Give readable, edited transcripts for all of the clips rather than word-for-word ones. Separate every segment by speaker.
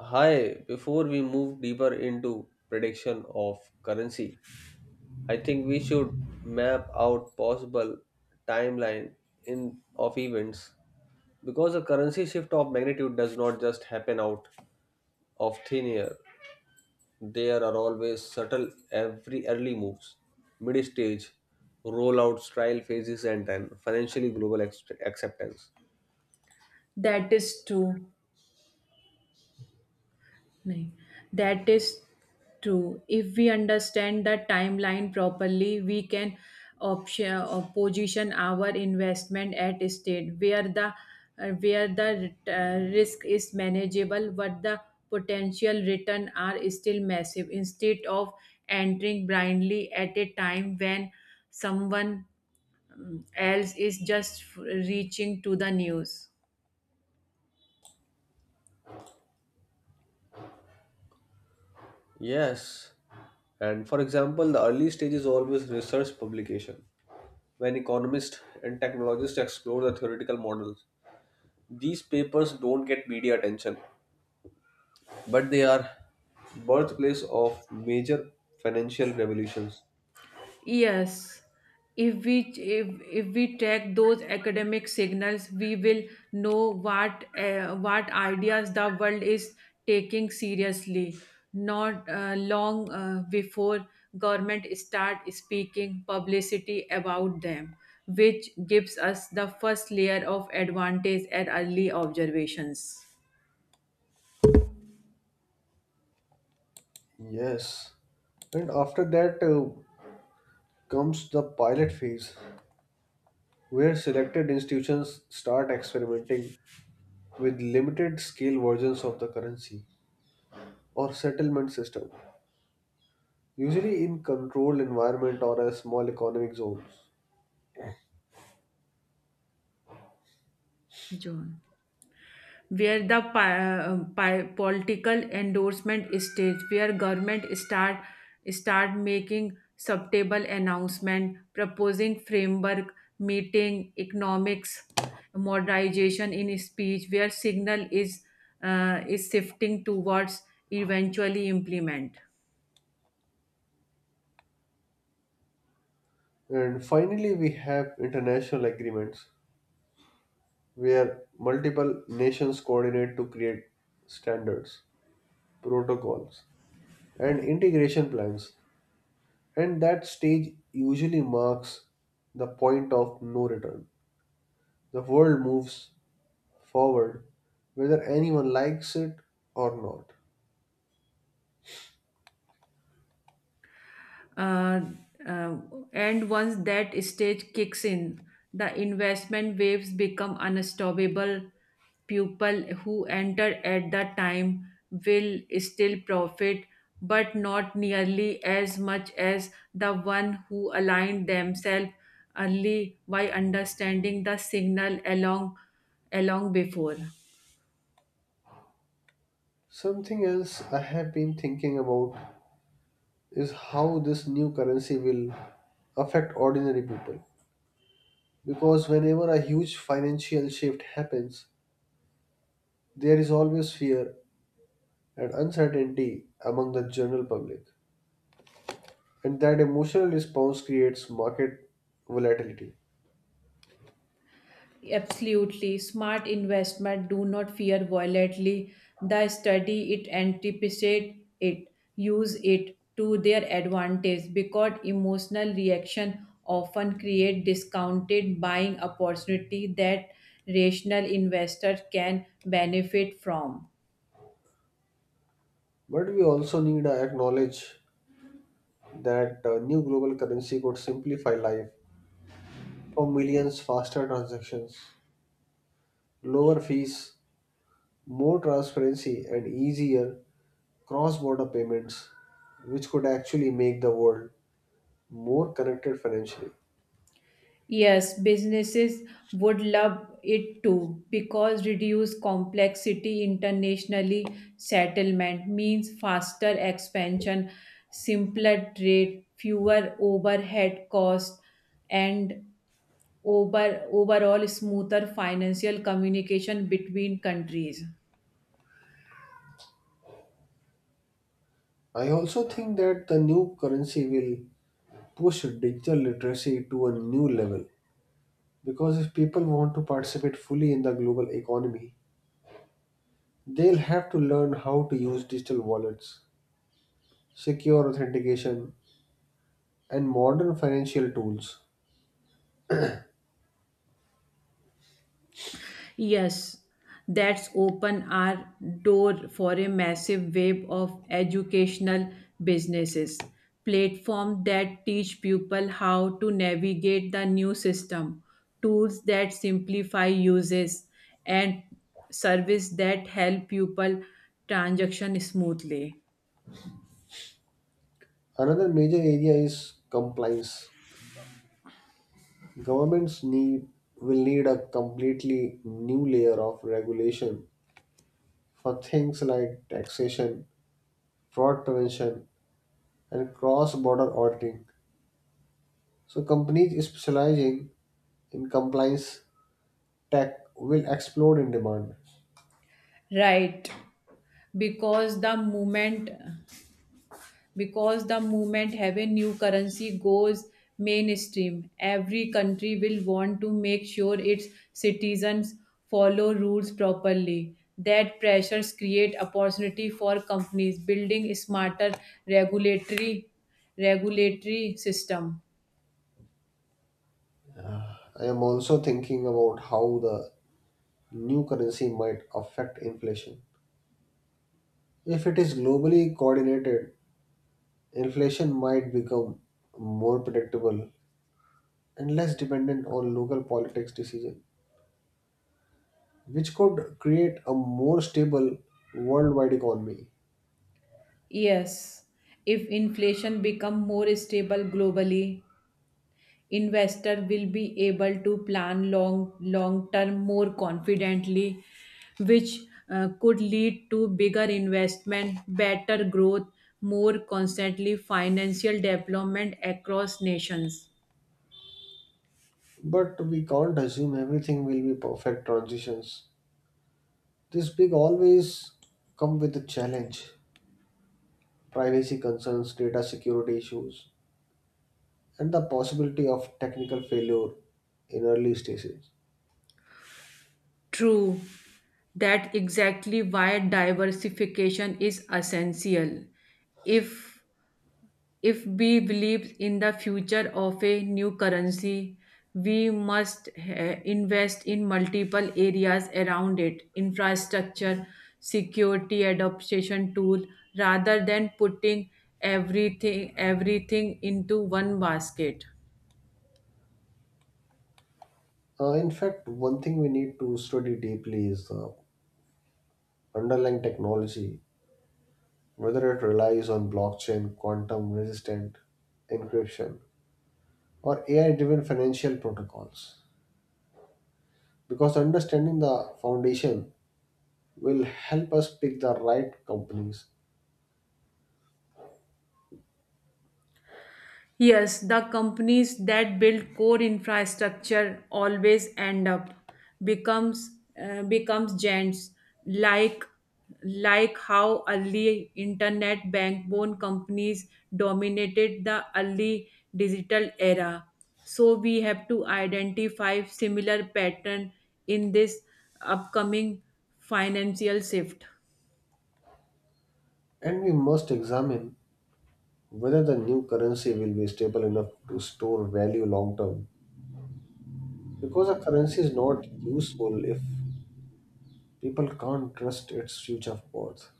Speaker 1: Hi, before we move deeper into prediction of currency, I think we should map out possible timeline in of events because a currency shift of magnitude does not just happen out of thin air. There are always subtle every early moves, mid stage, rollouts, trial phases, and then financially global acceptance.
Speaker 2: That is true. Nahin, that is true. If we understand the timeline properly, we can option or position our investment at a state where the risk is manageable, but the potential return are still massive. Instead of entering blindly at a time when someone else is just reaching to the news.
Speaker 1: Yes, and for example, the early stage is always research publication when economists and technologists explore the theoretical models. These papers don't get media attention, but they are birthplace of major financial revolutions.
Speaker 2: Yes, if we track those academic signals, we will know what ideas the world is taking seriously. Not long before government start speaking publicity about them, which gives us the first layer of advantage at early observations.
Speaker 1: Yes. And after that comes the pilot phase, where selected institutions start experimenting with limited scale versions of the currency or settlement system, usually in controlled environment or a small economic zones.
Speaker 2: John. Where the political endorsement stage where government start making subtable announcement proposing framework meeting economics modernization in speech where signal is shifting towards eventually implement.
Speaker 1: And finally, we have international agreements where multiple nations coordinate to create standards, protocols, and integration plans. And that stage usually marks the point of no return. The world moves forward whether anyone likes it or not.
Speaker 2: Uh, uh, and once that stage kicks in, the investment waves become unstoppable. People who enter at the time will still profit, but not nearly as much as the one who aligned themselves early by understanding the signal along before.
Speaker 1: Something else I have been thinking about is how this new currency will affect ordinary people. Because whenever a huge financial shift happens, there is always fear and uncertainty among the general public. And that emotional response creates market volatility.
Speaker 2: Absolutely. Smart investment do not fear violently. The study it anticipate it, use it to their advantage because emotional reaction often create discounted buying opportunity that rational investors can benefit from.
Speaker 1: But we also need to acknowledge that a new global currency could simplify life for millions faster transactions, lower fees, more transparency, and easier cross border payments, which could actually make the world more connected financially.
Speaker 2: Yes, businesses would love it too because reduced complexity internationally settlement means faster expansion, simpler trade, fewer overhead costs, and overall smoother financial communication between countries.
Speaker 1: I also think that the new currency will push digital literacy to a new level because if people want to participate fully in the global economy, they'll have to learn how to use digital wallets, secure authentication, and modern financial tools.
Speaker 2: Yes, that's open our door for a massive wave of educational businesses, platform that teach people how to navigate the new system, tools that simplify uses, and service that help people transaction smoothly.
Speaker 1: Another major area is compliance. Governments need will need a completely new layer of regulation for things like taxation, fraud prevention, and cross-border auditing. So companies specializing in compliance tech will explode in demand.
Speaker 2: Right, because the moment have a new currency goes mainstream, every country will want to make sure its citizens follow rules properly. That pressures create opportunity for companies building smarter regulatory regulatory system.
Speaker 1: I am also thinking about how the new currency might affect inflation. If it is globally coordinated, inflation might become more predictable and less dependent on local politics decisions, which could create a more stable worldwide economy.
Speaker 2: Yes, if inflation become more stable globally, investor will be able to plan long term more confidently, which could lead to bigger investment, better growth, more constantly financial development across nations.
Speaker 1: But we can't assume everything will be perfect transitions. This big always come with a challenge. Privacy concerns, data security issues, and the possibility of technical failure in early stages.
Speaker 2: True. That exactly why diversification is essential. If If we believe in the future of a new currency, we must invest in multiple areas around it: infrastructure, security, adoption tool, rather than putting everything into one basket.
Speaker 1: In fact, one thing we need to study deeply is the underlying technology, whether it relies on blockchain, quantum resistant encryption, or AI driven financial protocols. Because understanding the foundation will help us pick the right companies,
Speaker 2: Yes, the companies that build core infrastructure always end up becomes giants like like how early internet backbone companies dominated the early digital era. So we have to identify similar pattern in this upcoming financial shift.
Speaker 1: and we must examine whether the new currency will be stable enough to store value long term because a currency is not useful if people can't trust its future of worth,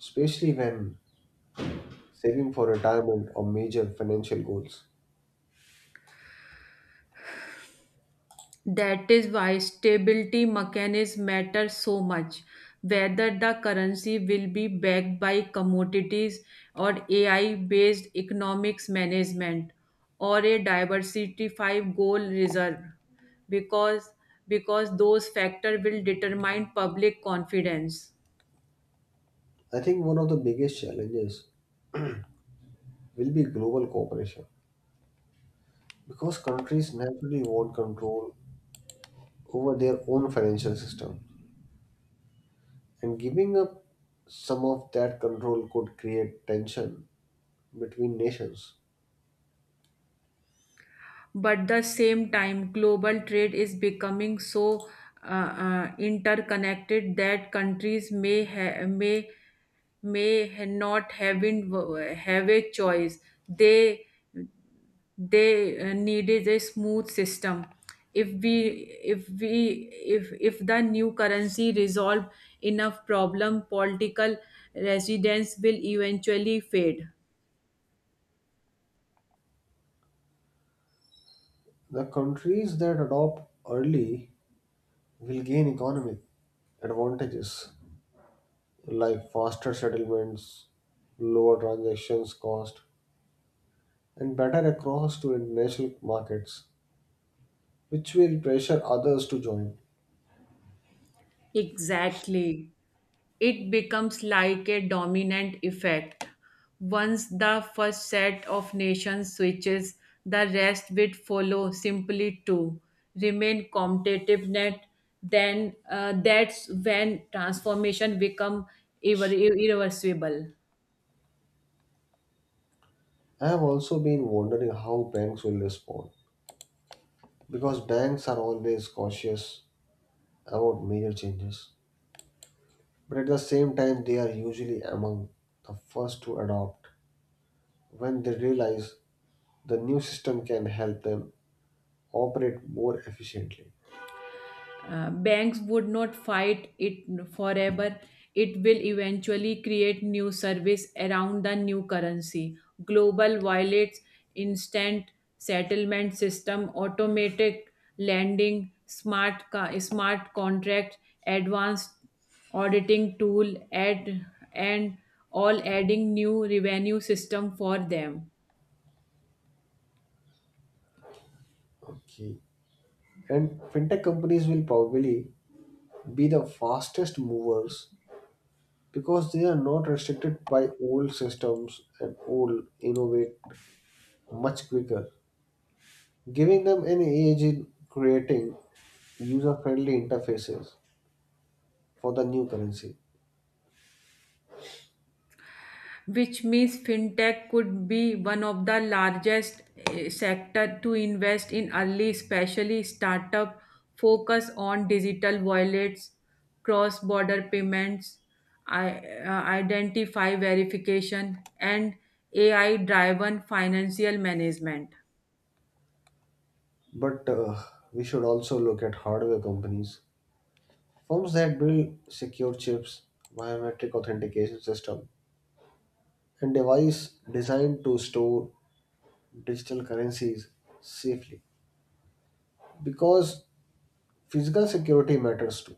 Speaker 1: especially when saving for retirement or major financial goals.
Speaker 2: That is why stability mechanism matters so much. Whether the currency will be backed by commodities or AI based economics management or a diversified gold reserve, because because those factors will determine public confidence.
Speaker 1: I think one of the biggest challenges will be global cooperation because countries naturally want control over their own financial system, and giving up some of that control could create tension between nations.
Speaker 2: But the same time, global trade is becoming so interconnected that countries may ha- not have been have a choice. They needed a smooth system. If we if we if if the new currency resolve enough problem, political resistance will eventually fade.
Speaker 1: The countries that adopt early will gain economic advantages like faster settlements, lower transactions cost, and better access to international markets, which will pressure others to join.
Speaker 2: Exactly. It becomes like a dominant effect. Once the first set of nations switches, the rest will follow simply to remain competitive net. Then that's when transformation become irreversible.
Speaker 1: I have also been wondering how banks will respond, because banks are always cautious about major changes, but at the same time, they are usually among the first to adopt when they realize the new system can help them operate more efficiently.
Speaker 2: Banks would not fight it forever. It will eventually create new service around the new currency: global wallets, instant settlement system, automatic lending, smart contract, advanced auditing tool, add, and all adding new revenue system for them.
Speaker 1: Okay. And fintech companies will probably be the fastest movers because they are not restricted by old systems and old innovate much quicker, giving them an edge in creating user-friendly interfaces for the new currency.
Speaker 2: Which means fintech could be one of the largest sector to invest in early, especially startup focus on digital wallets, cross-border payments, i- identify verification, and AI-driven financial management.
Speaker 1: But we should also look at hardware companies, firms that build secure chips, biometric authentication system, and device designed to store digital currencies safely because physical security matters too.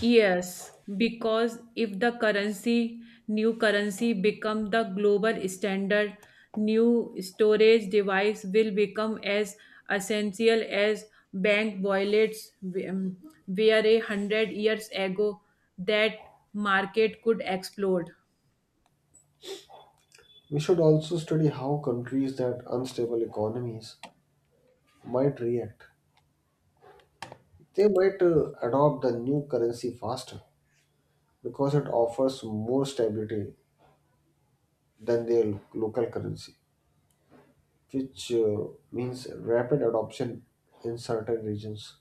Speaker 2: Yes, because if new currency become the global standard, new storage device will become as essential as bank wallets, um, where 100 years ago that market could explode.
Speaker 1: We should also study how countries that unstable economies might react. They might adopt the new currency faster because it offers more stability than their local currency, which means rapid adoption in certain regions.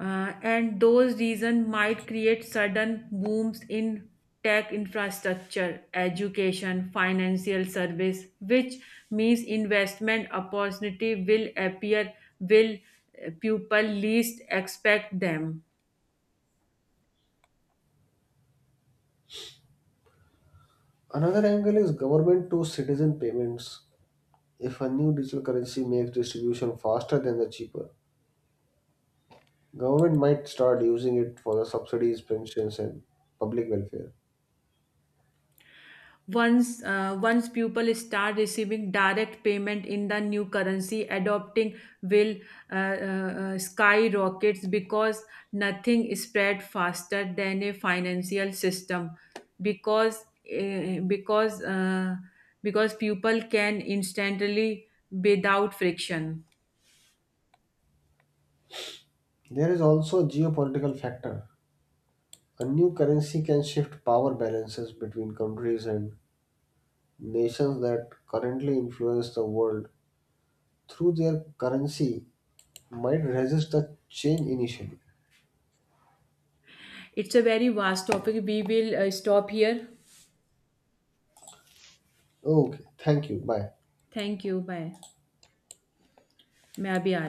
Speaker 2: Uh, and those reasons might create sudden booms in tech infrastructure, education, financial service, which means investment opportunity will appear will people least expect them.
Speaker 1: Another angle is government to citizen payments. If a new digital currency makes distribution faster than the cheaper, government might start using it for the subsidies, pensions, and public welfare.
Speaker 2: Once, once people start receiving direct payment in the new currency, adopting will skyrockets because nothing spread faster than a financial system. Because uh, because uh, because people can instantly without friction.
Speaker 1: There is also a geopolitical factor. A new currency can shift power balances between countries and nations that currently influence the world through their currency might resist the change initially.
Speaker 2: It's a very vast topic. We will stop here.
Speaker 1: Okay, thank you. Bye.
Speaker 2: Thank you. Bye. मैं अभी आ रही